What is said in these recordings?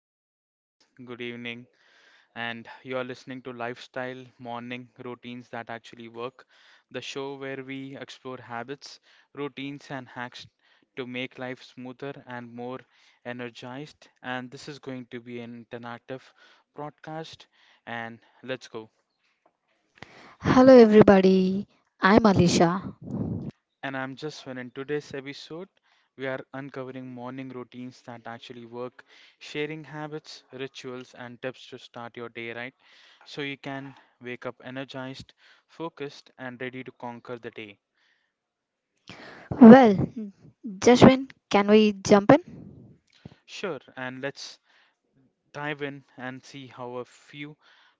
Hi, guys. Good evening. And you are listening to Lifestyle Morning Routines That Actually Work, the show where we explore habits, routines, and hacks to make life smoother and more energized. And this is going to be an interactive broadcast. And let's go. Hello, everybody. I'm Alisha. And I'm Jaswin. In today's episode, we are uncovering morning routines that actually work, sharing habits, rituals, and tips to start your day right so you can wake up energized, focused, and ready to conquer the day. Well, Jashwin, can we jump in? Sure, and let's dive in and see how a few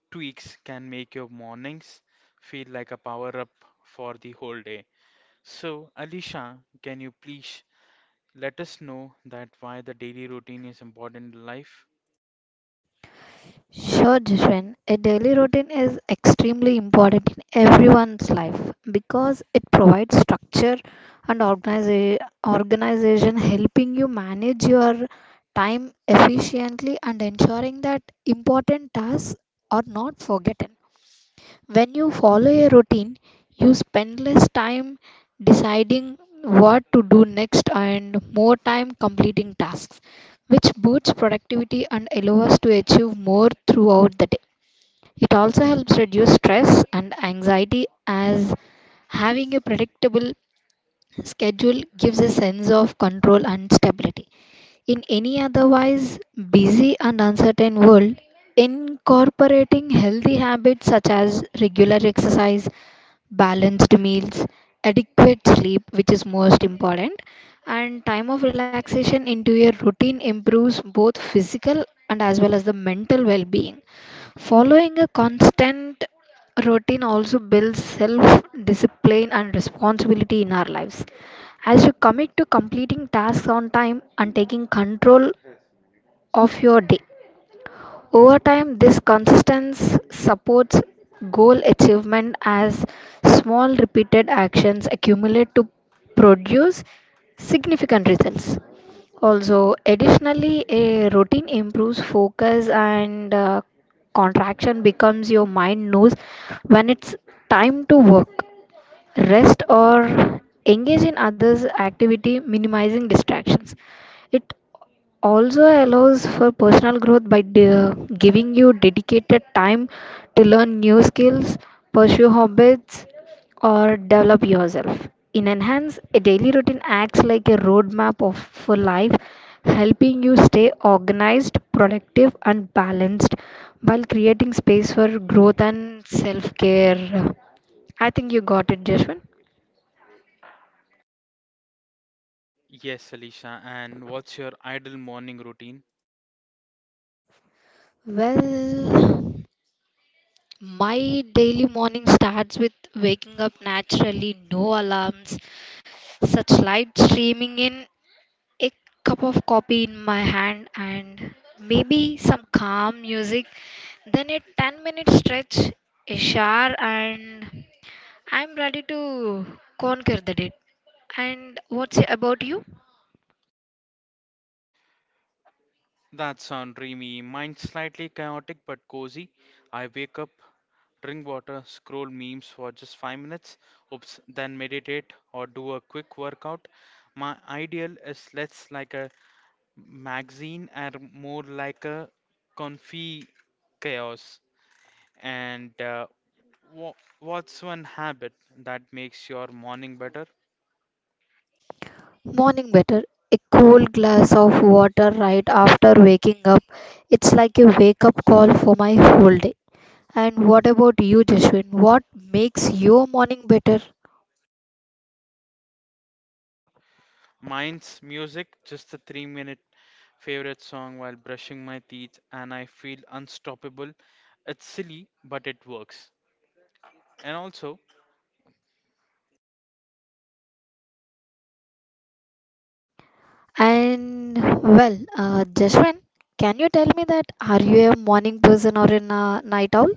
tweaks can make your mornings feel like a power up for the whole day. So, Alicia, can you please let us know that why the daily routine is important in life? Sure, Jashwin. A daily routine is extremely important in everyone's life because it provides structure and organization, helping you manage your time efficiently and ensuring that important tasks are not forgotten. When you follow a routine, you spend less time deciding what to do next and more time completing tasks, which boosts productivity and allows us to achieve more throughout the day. It also helps reduce stress and anxiety as having a predictable schedule gives a sense of control and stability. In any otherwise busy and uncertain world, incorporating healthy habits such as regular exercise, balanced meals, adequate sleep, which is most important, and time of relaxation into your routine improves both physical and as well as the mental well being. Following a constant routine also builds self discipline and responsibility in our lives. As you commit to completing tasks on time and taking control of your day, over time, this consistency supports goal achievement as small repeated actions accumulate to produce significant results. Also, additionally, a routine improves focus and contraction becomes your mind knows when it's time to work, rest, or engage in others' activity, minimizing distractions. It also allows for personal growth by giving you dedicated time to learn new skills, pursue hobbies, or develop yourself. In Enhance, a daily routine acts like a roadmap of, for life, helping you stay organized, productive, and balanced while creating space for growth and self care. I think you got it, Jeshwin. Yes, Alicia. And what's your ideal morning routine? Well, my daily morning starts with waking up naturally, no alarms, such light streaming in, a cup of coffee in my hand, and maybe some calm music. Then a 10-minute stretch, a shower, and I'm ready to conquer the day. And what's about you? That sounds dreamy. Mine's slightly chaotic but cozy. I wake up, drink water, scroll memes for just 5 minutes, oops, then meditate or do a quick workout. My ideal is less like a magazine and more like a comfy chaos. And wha what's one habit that makes your morning better? Morning better. A cool glass of water right after waking up. It's like a wake up call for my whole day. And what about you, Jashwin? What makes your morning better? Mine's music, just a 3 minute favorite song while brushing my teeth, and I feel unstoppable. It's silly, but it works. And also, And well, Jashwin, can you tell me that are you a morning person or a night owl?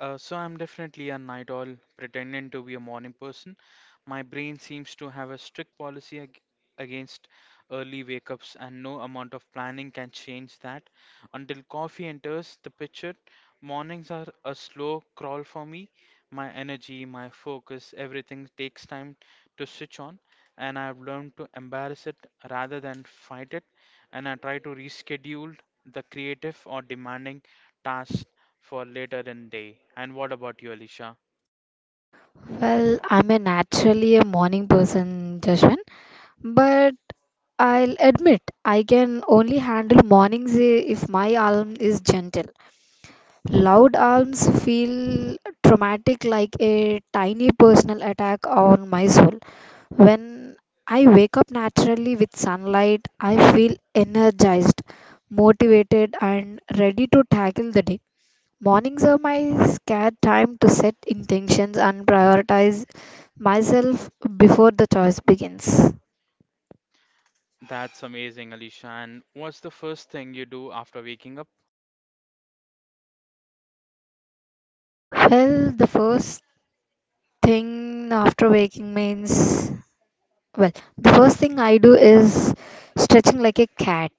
So I'm definitely a night owl pretending to be a morning person. My brain seems to have a strict policy ag against early wake ups, and no amount of planning can change that. Until coffee enters the picture, mornings are a slow crawl for me. My energy, my focus, everything takes time to switch on, and I've learned to embrace it rather than fight it. And I try to reschedule the creative or demanding tasks for later in day. And what about you, Alicia? Well, I'm a naturally a morning person, Jashwin, but I'll admit I can only handle mornings if my alarm is gentle. Loud alarms feel traumatic like a tiny personal attack on my soul. When I wake up naturally with sunlight, I feel energized, motivated, and ready to tackle the day. Mornings are my scared time to set intentions and prioritize myself before the choice begins. That's amazing, Alicia. And what's the first thing you do after waking up? Well, the first thing after waking means, well, the first thing I do is stretching like a cat.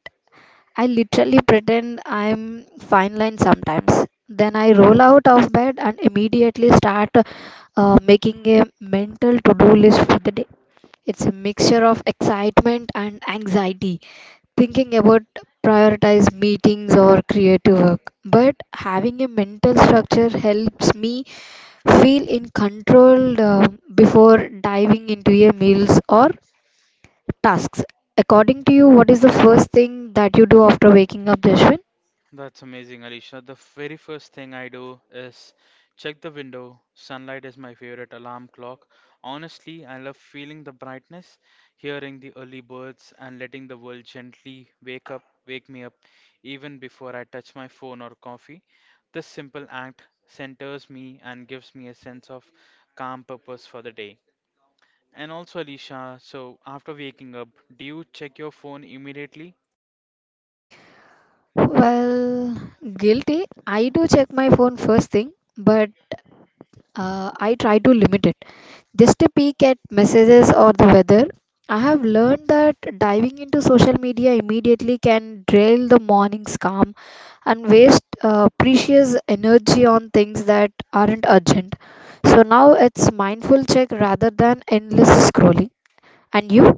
I literally pretend I'm fine line sometimes. Then I roll out of bed and immediately start making a mental to do list for the day. It's a mixture of excitement and anxiety, thinking about prioritized meetings or creative work. But having a mental structure helps me feel in control before diving into a meals or tasks. According to you, what is the first thing that you do after waking up, Jashwin? That's amazing, Alicia. The very first thing I do is check the window. Sunlight is my favorite alarm clock. Honestly, I love feeling the brightness, hearing the early birds, and letting the world gently wake me up, even before I touch my phone or coffee. This simple act centers me and gives me a sense of calm purpose for the day. And also, Alicia, so after waking up, do you check your phone immediately? Well, guilty. I do check my phone first thing, but I try to limit it. Just a peek at messages or the weather. I have learned that diving into social media immediately can drain the morning's calm and waste precious energy on things that aren't urgent. So now it's mindful check rather than endless scrolling. And you?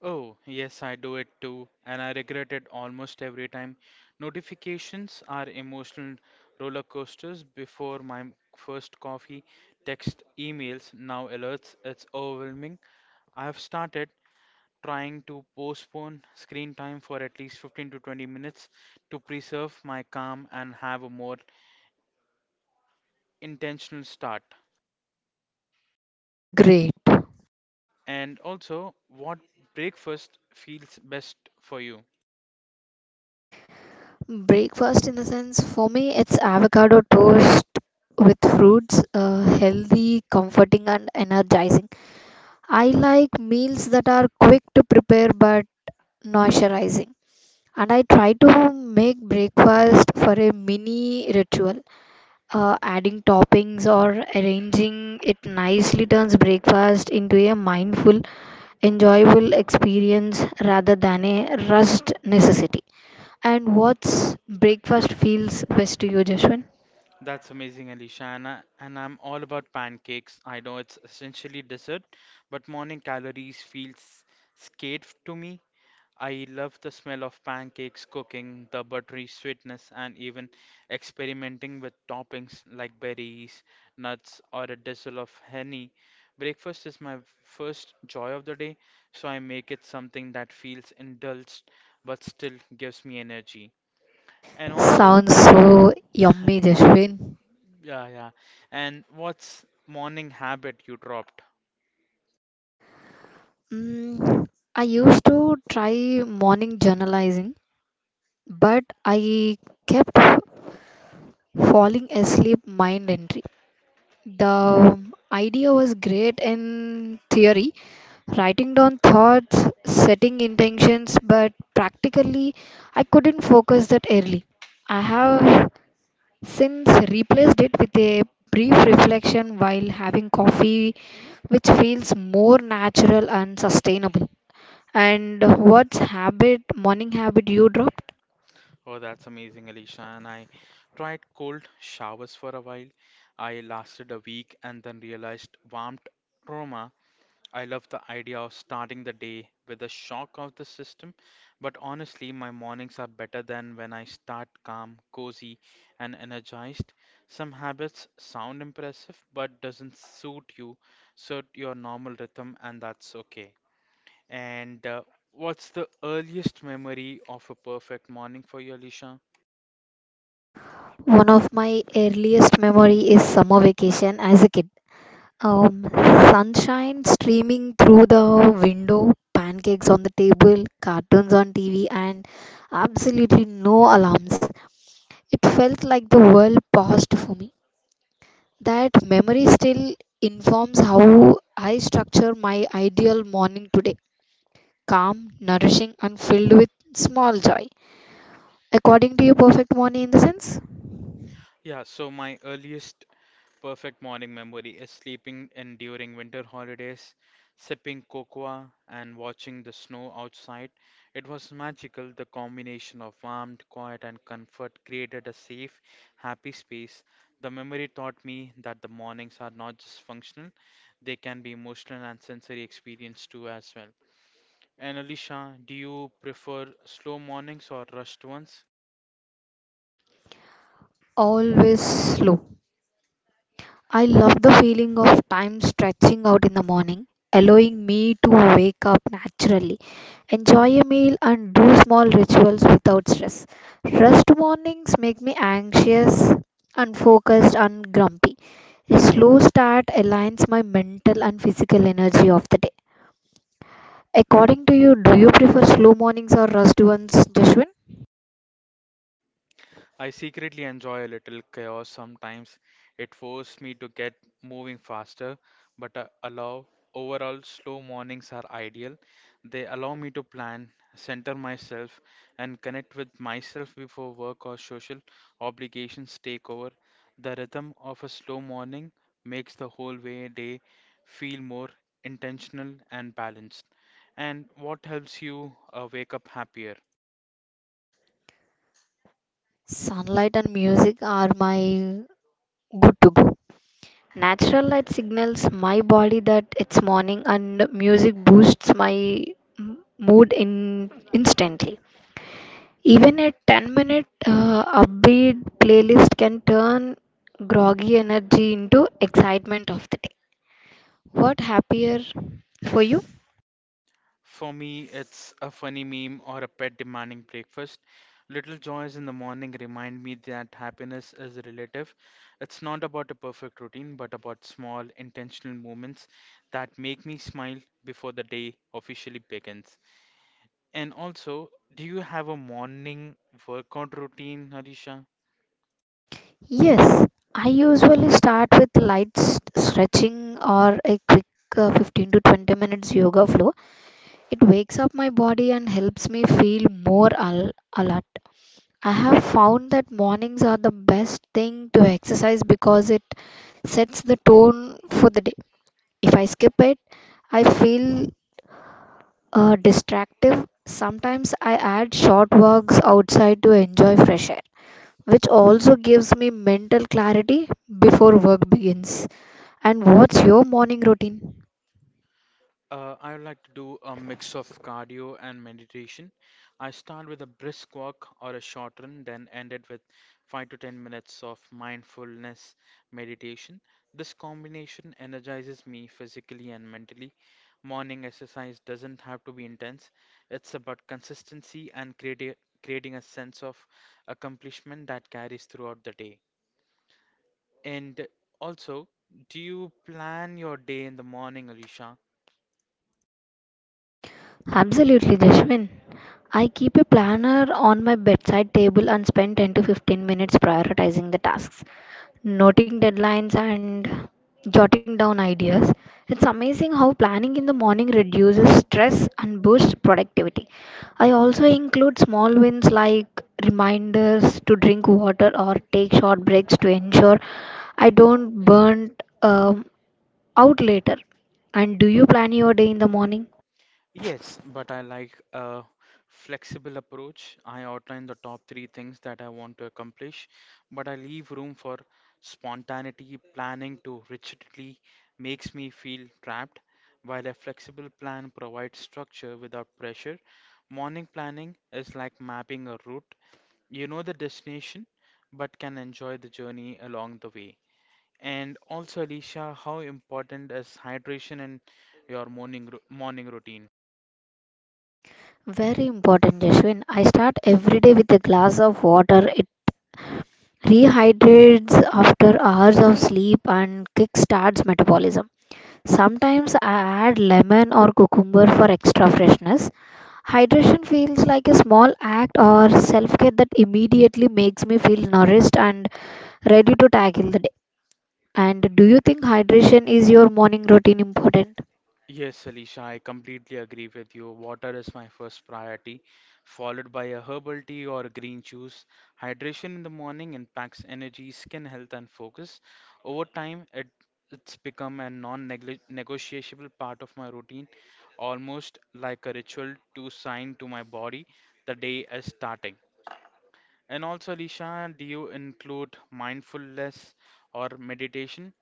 Oh, yes, I do it too, and I regret it almost every time. Notifications are emotional roller coasters before my first coffee, text, emails, now alerts. It's overwhelming. I have started trying to postpone screen time for at least 15 to 20 minutes to preserve my calm and have a more intentional start. Great. And also, what breakfast feels best for you? Breakfast, in the sense, for me, it's avocado toast with fruits, healthy, comforting, and energizing. I like meals that are quick to prepare but nourishing. And I try to make breakfast for a mini ritual. Adding toppings or arranging it nicely turns breakfast into a mindful, enjoyable experience rather than a rushed necessity. And what's breakfast feels best to you, Jashwin? That's amazing, Alicia. And I'm all about pancakes. I know it's essentially dessert, but morning calories feels scared to me. I love the smell of pancakes cooking, the buttery sweetness, and even experimenting with toppings like berries, nuts, or a drizzle of honey. Breakfast is my first joy of the day, so I make it something that feels indulged but still gives me energy. And also, Sounds so yummy, Jashwin. Yeah. And what's morning habit you dropped? Mm, I used to try morning journalizing, but I kept falling asleep mind entry. The idea was great in theory, writing down thoughts, setting intentions, but practically I couldn't focus that early. I have since replaced it with a brief reflection while having coffee, which feels more natural and sustainable. And what's habit, morning habit you drop? Oh, that's amazing, Alicia. And I tried cold showers for a while. I lasted a week and then realized warmth trauma. I love the idea of starting the day with a shock of the system, but honestly, my mornings are better than when I start calm, cozy, and energized. Some habits sound impressive but doesn't suit your normal rhythm, and that's okay. And what's the earliest memory of a perfect morning for you, Alicia? One of my earliest memory is summer vacation as a kid. Sunshine streaming through the window, pancakes on the table, cartoons on TV, and absolutely no alarms. It felt like the world paused for me. That memory still informs how I structure my ideal morning today calm, nourishing, and filled with small joy. According to your perfect morning in the sense, Yeah, so my earliest perfect morning memory is sleeping in during winter holidays, sipping cocoa and watching the snow outside. It was magical. The combination of warmth, quiet, and comfort created a safe, happy space. The memory taught me that the mornings are not just functional, they can be emotional and sensory experience too as well. And Alicia, do you prefer slow mornings or rushed ones? always slow, I love the feeling of time stretching out in the morning, allowing me to wake up naturally, enjoy a meal, and do small rituals without stress. Rushed mornings make me anxious, unfocused, and grumpy. A slow start aligns my mental and physical energy of the day. According to you, do you prefer slow mornings or rushed ones, Jashwin? I secretly enjoy a little chaos sometimes. It forces me to get moving faster, but allow overall slow mornings are ideal. They allow me to plan, center myself, and connect with myself before work or social obligations take over. The rhythm of a slow morning makes the whole way day feel more intentional and balanced. And what helps you wake up happier? Sunlight and music are my good to go. Natural light signals my body that it's morning, and music boosts my mood in instantly. Even a 10 minute upbeat playlist can turn groggy energy into excitement of the day. What happier for you? For me, it's a funny meme or a pet demanding breakfast. Little joys in the morning remind me that happiness is relative. It's not about a perfect routine, but about small, intentional moments that make me smile before the day officially begins. And also, do you have a morning workout routine, Harisha? Yes, I usually start with light stretching or a quick 15 to 20 minutes yoga flow. It wakes up my body and helps me feel more alert. I have found that mornings are the best thing to exercise because it sets the tone for the day. If I skip it, I feel distractive. Sometimes I add short walks outside to enjoy fresh air, which also gives me mental clarity before work begins. And what's your morning routine? I would like to do a mix of cardio and meditation. I start with a brisk walk or a short run, then end it with 5 to 10 minutes of mindfulness meditation. This combination energizes me physically and mentally. Morning exercise doesn't have to be intense, it's about consistency and creating a sense of accomplishment that carries throughout the day. And also, do you plan your day in the morning, Alicia? Absolutely, Jashwin. I keep a planner on my bedside table and spend 10 to 15 minutes prioritizing the tasks, noting deadlines and jotting down ideas. It's amazing how planning in the morning reduces stress and boosts productivity. I also include small wins like reminders to drink water or take short breaks to ensure I don't burn um, out later. And do you plan your day in the morning? Yes, but I like a flexible approach. I outline the top 3 things that I want to accomplish, but I leave room for spontaneity. Planning too rigidly makes me feel trapped, while a flexible plan provides structure without pressure. Morning planning is like mapping a route. You know the destination, but can enjoy the journey along the way. And also, Alicia, how important is hydration in your morning morning routine? Very important, Jashwin. I start every day with a glass of water. It rehydrates after hours of sleep and kickstarts metabolism. Sometimes I add lemon or cucumber for extra freshness. Hydration feels like a small act or self care that immediately makes me feel nourished and ready to tackle the day. And do you think hydration is your morning routine important? Yes, Alisha, I completely agree with you. Water is my first priority, followed by a herbal tea or a green juice. Hydration in the morning impacts energy, skin health, and focus. Over time, it's become a non-negotiable part of my routine, almost like a ritual to sign to my body the day is starting. And also, Alisha, do you include mindfulness or meditation?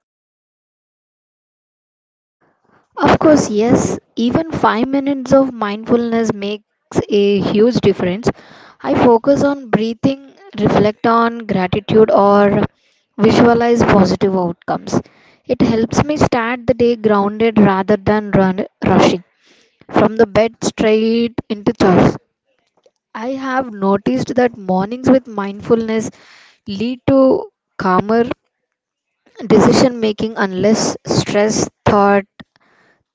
Of course, yes, even 5 minutes of mindfulness makes a huge difference. I focus on breathing, reflect on gratitude, or visualize positive outcomes. It helps me start the day grounded rather than run, rushing from the bed straight into choice. I have noticed that mornings with mindfulness lead to calmer decision making unless stress thought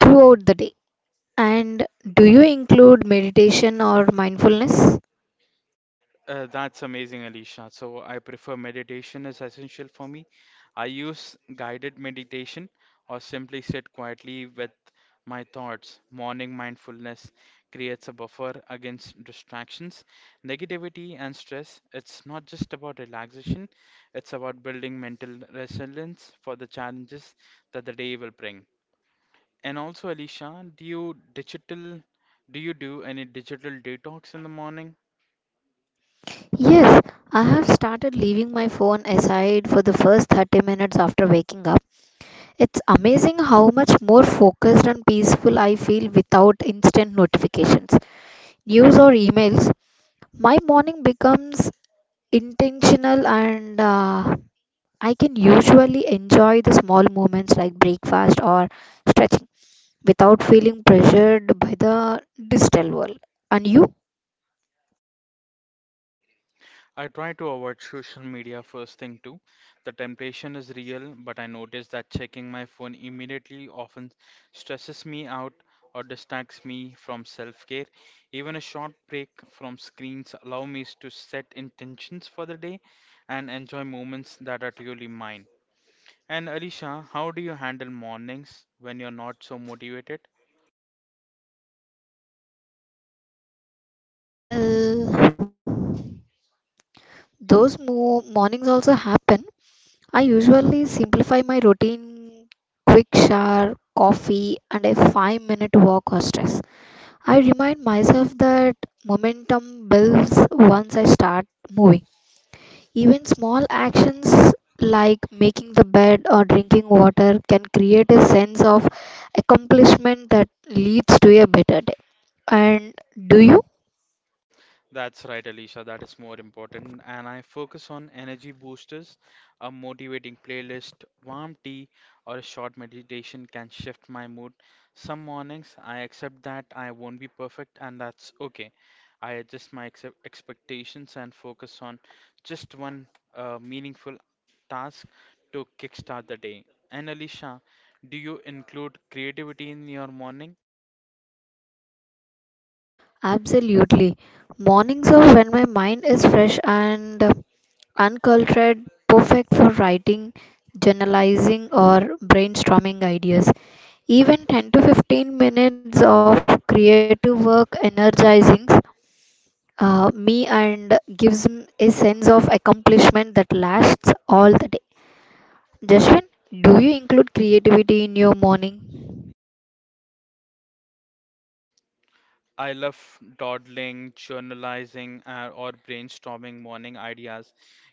throughout the day. And do you include meditation or mindfulness? That's amazing, Alicia. So I prefer meditation is essential for me. I use guided meditation or simply sit quietly with my thoughts. Morning mindfulness creates a buffer against distractions, negativity, and stress. It's not just about relaxation, it's about building mental resilience for the challenges that the day will bring. And also, Alicia, do you do any digital detox in the morning? Yes, I have started leaving my phone aside for the first 30 minutes after waking up. It's amazing how much more focused and peaceful I feel without instant notifications, news, or emails. My morning becomes intentional and I can usually enjoy the small moments like breakfast or stretching without feeling pressured by the digital world. And you? I try to avoid social media first thing too. The temptation is real, but I notice that checking my phone immediately often stresses me out or distracts me from self-care. Even a short break from screens allow me to set intentions for the day and enjoy moments that are truly mine. And Alisha, how do you handle mornings when you're not so motivated? Well, those mornings also happen. I usually simplify my routine quick shower, coffee, and a 5-minute walk or stress. I remind myself that momentum builds once I start moving. Even small actions like making the bed or drinking water can create a sense of accomplishment that leads to a better day. And do you? That's right, Alicia. That is more important. And I focus on energy boosters. A motivating playlist, warm tea, or a short meditation can shift my mood. Some mornings, I accept that I won't be perfect, and that's okay. I adjust my ex expectations and focus on just one meaningful task to kickstart the day. And Alicia, do you include creativity in your morning? Absolutely. Mornings are when my mind is fresh and uncultured, perfect for writing, journalizing, or brainstorming ideas. Even 10 to 15 minutes of creative work energizing me and gives me a sense of accomplishment that lasts all the day. Jaswin, do you include creativity in your morning? I love dawdling, journalizing, or brainstorming morning ideas.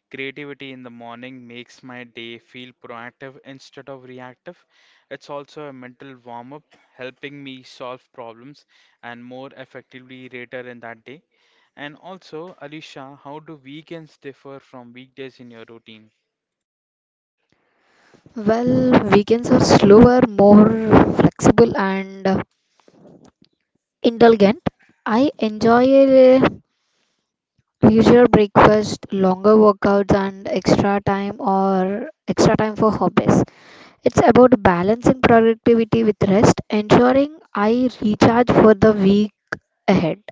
Creativity in the morning makes my day feel proactive instead of reactive. It's also a mental warm up, helping me solve problems and more effectively later in that day. And also, Alicia, how do weekends differ from weekdays in your routine? Well, weekends are slower, more flexible, and indulgent. I enjoy a leisure breakfast, longer workouts, and extra time or extra time for hobbies. It's about balancing productivity with rest, ensuring I recharge for the week ahead.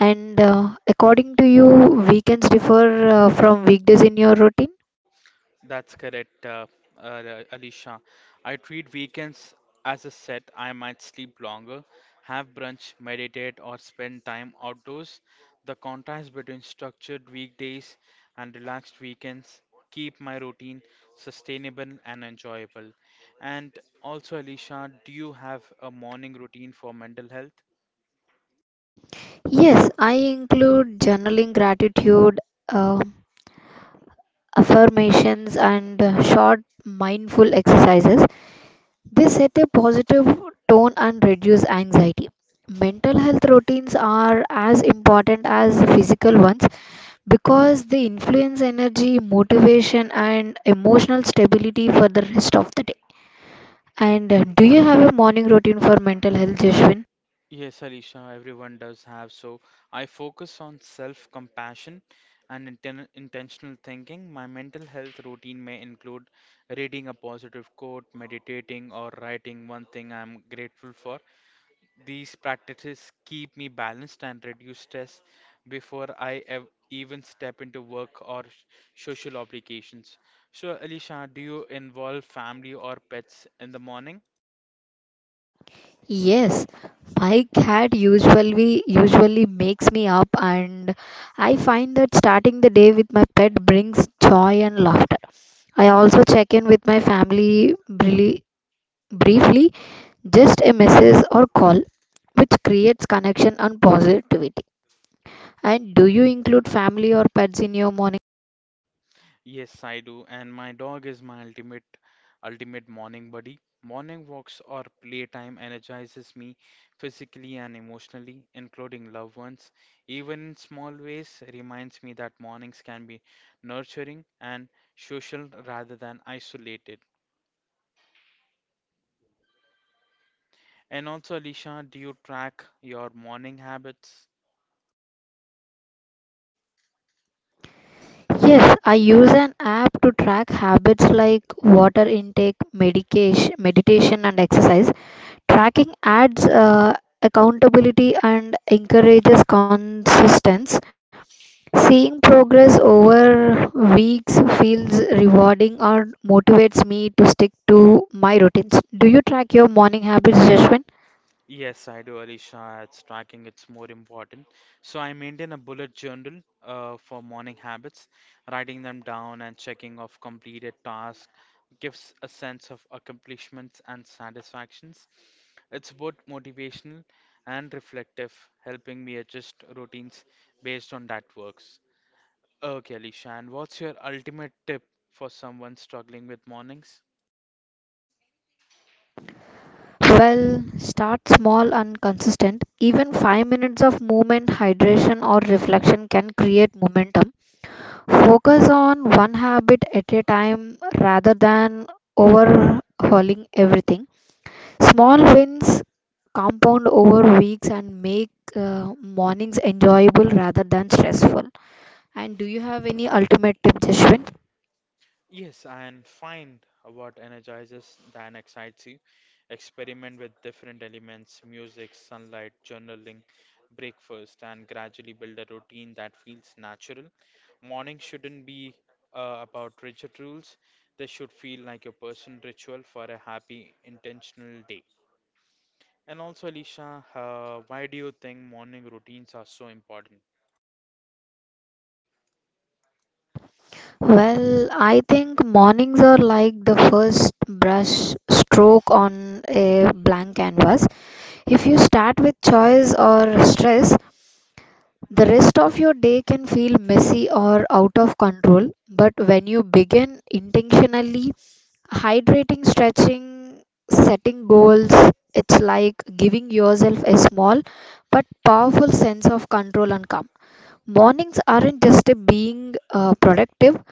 And according to you, weekends differ from weekdays in your routine? That's correct, Alicia. I treat weekends as a set. I might sleep longer, have brunch, meditate, or spend time outdoors. The contrast between structured weekdays and relaxed weekends keep my routine sustainable and enjoyable. And also, Alicia, do you have a morning routine for mental health? Yes, I include journaling, gratitude, uh, affirmations, and short mindful exercises. They set a positive tone and reduce anxiety. Mental health routines are as important as physical ones because they influence energy, motivation, and emotional stability for the rest of the day. And do you have a morning routine for mental health, Jeshwin? Yes, Alisha, everyone does have. So I focus on self-compassion and intentional thinking. My mental health routine may include reading a positive quote, meditating, or writing one thing I'm grateful for. These practices keep me balanced and reduce stress before I ev even step into work or social obligations. So, Alisha, do you involve family or pets in the morning? Yes, my cat usually makes me up, and I find that starting the day with my pet brings joy and laughter. I also check in with my family really briefly, just a message or call, which creates connection and positivity. And do you include family or pets in your morning? Yes, I do, and my dog is my ultimate morning buddy. Morning walks or playtime energizes me physically and emotionally, including loved ones. Even in small ways, reminds me that mornings can be nurturing and social rather than isolated. And also, Alicia, do you track your morning habits? Yes, I use an app to track habits like water intake, medication, meditation, and exercise. Tracking adds accountability and encourages consistency. Seeing progress over weeks feels rewarding or motivates me to stick to my routines. Do you track your morning habits, Jashwin? Yes, I do, Alisha. It's tracking, it's more important. So I maintain a bullet journal for morning habits, writing them down and checking off completed tasks gives a sense of accomplishments and satisfactions. It's both motivational and reflective, helping me adjust routines based on that works. Okay, Alisha, and what's your ultimate tip for someone struggling with mornings? Well, start small and consistent. Even 5 minutes of movement, hydration, or reflection can create momentum. Focus on one habit at a time rather than overhauling everything. Small wins compound over weeks and make mornings enjoyable rather than stressful. And do you have any ultimate tip, Jashwin? Yes, and find what energizes and excites you. Experiment with different elements, music, sunlight, journaling, breakfast, and gradually build a routine that feels natural. Morning shouldn't be about rigid rules, they should feel like your personal ritual for a happy, intentional day. And also, Alicia, why do you think morning routines are so important? Well, I think mornings are like the first brush stroke on a blank canvas. If you start with choice or stress, the rest of your day can feel messy or out of control. But when you begin intentionally hydrating, stretching, setting goals, it's like giving yourself a small but powerful sense of control and calm. Mornings aren't just a being productive,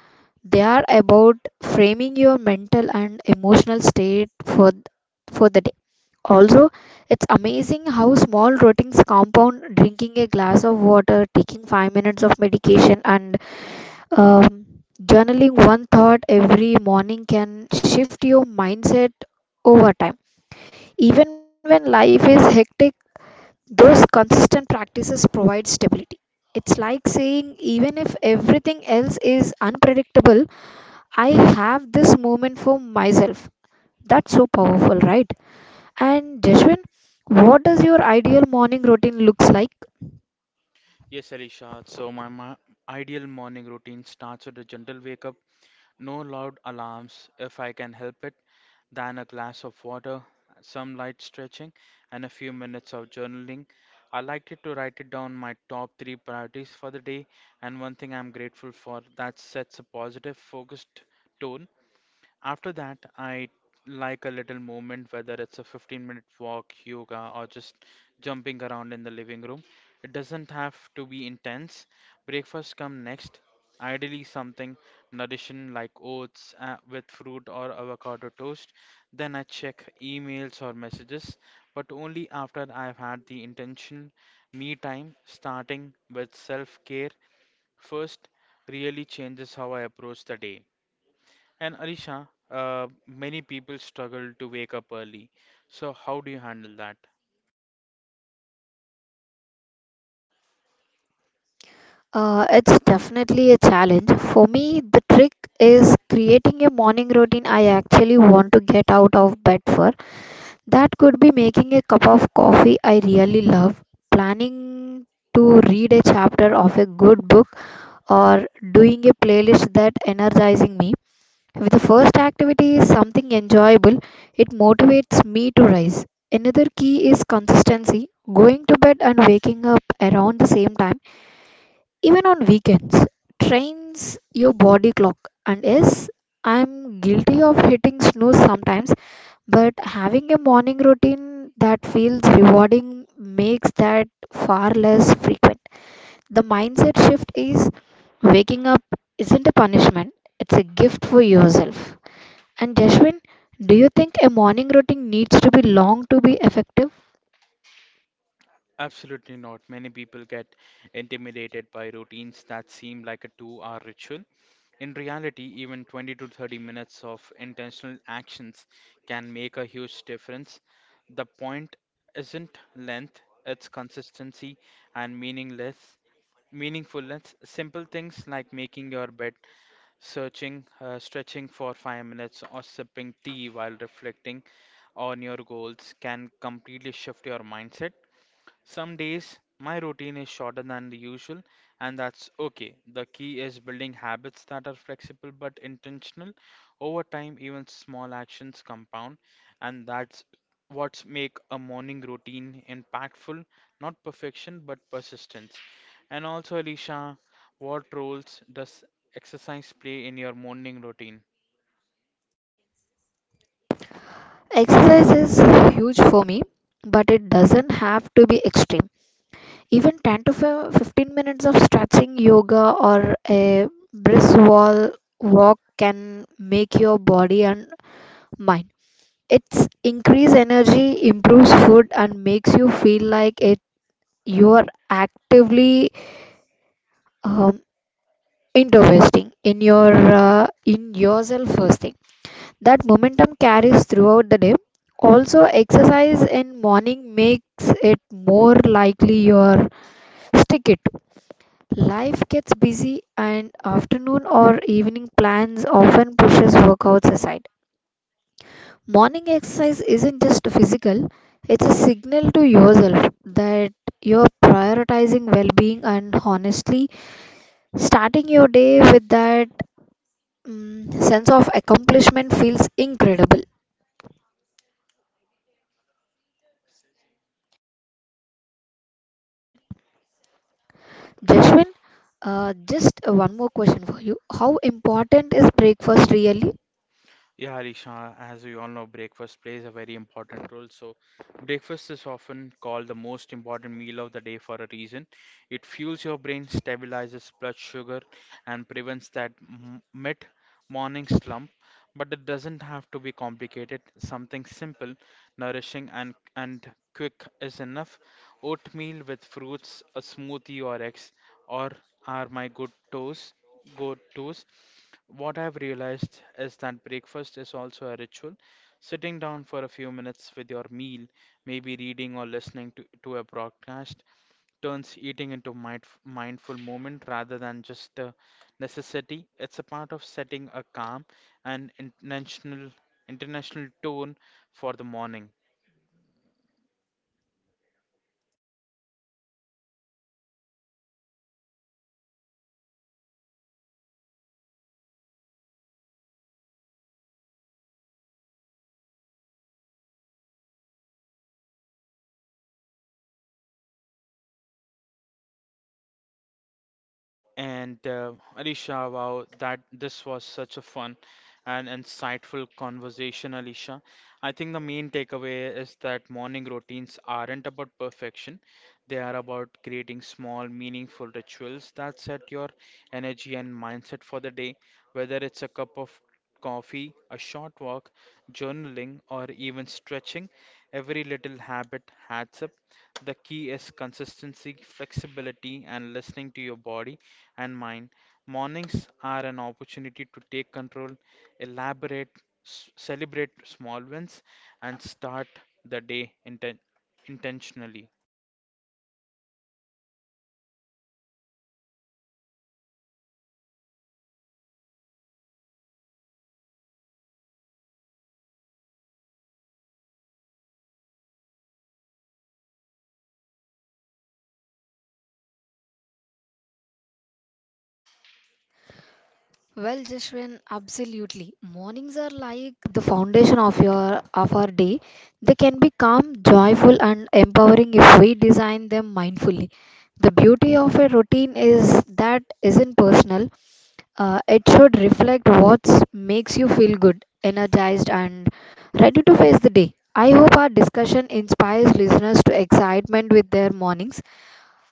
they are about framing your mental and emotional state for the day. Also, it's amazing how small routines compound drinking a glass of water, taking 5 minutes of medication, and um, journaling one thought every morning can shift your mindset over time. Even when life is hectic, those consistent practices provide stability. It's like saying, even if everything else is unpredictable, I have this moment for myself. That's so powerful, right? And Jeshwin, what does your ideal morning routine looks like? Yes, Alicia, so my ideal morning routine starts with a gentle wake up. No loud alarms, if I can help it, than a glass of water, some light stretching, and a few minutes of journaling. I liked it to write it down my top three priorities for the day, and one thing I'm grateful for that sets a positive, focused tone. After that, I like a little movement, whether it's a 15-minute walk, yoga, or just jumping around in the living room. It doesn't have to be intense. Breakfast come next, ideally something nourishing like oats with fruit or avocado toast. Then I check emails or messages, but only after I've had the intention me time, starting with self care first, really changes how I approach the day. And Arisha, many people struggle to wake up early. So, how do you handle that? It's definitely a challenge. For me, the trick is creating a morning routine I actually want to get out of bed for. That could be making a cup of coffee I really love, planning to read a chapter of a good book, or doing a playlist that energizing me. If the first activity is something enjoyable, it motivates me to rise. Another key is consistency, going to bed and waking up around the same time, even on weekends, trains your body clock. And yes, I'm guilty of hitting snooze sometimes, but having a morning routine that feels rewarding makes that far less frequent. The mindset shift is waking up isn't a punishment, it's a gift for yourself. And Jashwin, do you think a morning routine needs to be long to be effective? Absolutely not. Many people get intimidated by routines that seem like a 2 hour ritual. In reality, even 20 to 30 minutes of intentional actions can make a huge difference. The point isn't length, it's consistency and meaningfulness. Simple things like making your bed stretching for 5 minutes, or sipping tea while reflecting on your goals can completely shift your mindset. Some days my routine is shorter than the usual, and that's okay. The key is building habits that are flexible but intentional. Over time, even small actions compound, and that's what make a morning routine impactful, not perfection but persistence. And also, Alicia, what roles does exercise play in your morning routine? Exercise is huge for me, but it doesn't have to be extreme. Even 10 to 15 minutes of stretching, yoga, or a brisk wall walk can make your body and mind. It's increase energy, improves food, and makes you feel like it. You are actively um, investing in your in yourself first thing. That momentum carries throughout the day. Also, exercise in morning makes it more likely you're stick it. To. Life gets busy, and afternoon or evening plans often pushes workouts aside. Morning exercise isn't just physical, it's a signal to yourself that you're prioritizing well being and honestly, starting your day with that sense of accomplishment feels incredible. Question. Jashwin, just one more question for you. How important is breakfast really? Yeah, Risha, as we all know, breakfast plays a very important role. So, breakfast is often called the most important meal of the day for a reason. It fuels your brain, stabilizes blood sugar, and prevents that mid morning slump. But it doesn't have to be complicated. Something simple, nourishing, and quick is enough. Oatmeal with fruits, a smoothie, or eggs, or are my good toes. Go tos What I've realized is that breakfast is also a ritual. Sitting down for a few minutes with your meal, maybe reading or listening to a broadcast, turns eating into mindful moment rather than just a necessity. It's a part of setting a calm and international tone for the morning. And Alicia, wow, that this was such a fun and insightful conversation, Alicia. I think the main takeaway is that morning routines aren't about perfection. They are about creating small, meaningful rituals that set your energy and mindset for the day, whether it's a cup of coffee, a short walk, journaling, or even stretching. Every little habit adds up. The key is consistency, flexibility, and listening to your body and mine, mornings are an opportunity to take control, elaborate, celebrate small wins, and start the day intentionally. Well, Jashwin, absolutely. Mornings are like the foundation of your of our day. They can be calm, joyful, and empowering if we design them mindfully. The beauty of a routine is that isn't personal. It should reflect what makes you feel good, energized, and ready to face the day. I hope our discussion inspires listeners to excitement with their mornings,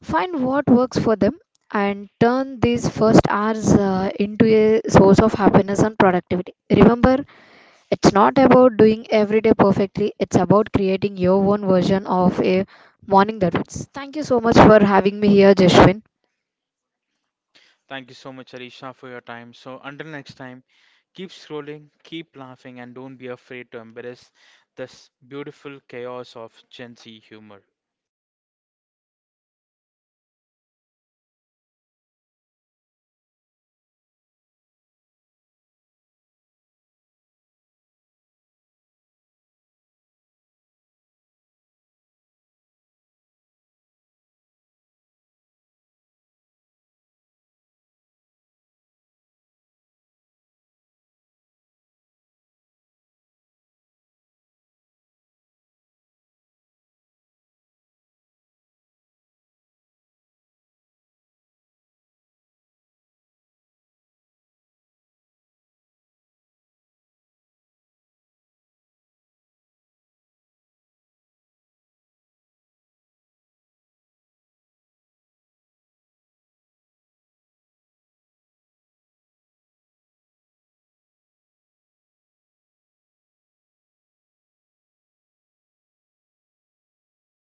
find what works for them, and turn these first hours into a source of happiness and productivity. Remember, it's not about doing every day perfectly, it's about creating your own version of a morning that works. Thank you so much for having me here, Jeshwin. Thank you so much, Alisha, for your time. So, until next time, keep scrolling, keep laughing, and don't be afraid to embrace this beautiful chaos of Gen Z humor.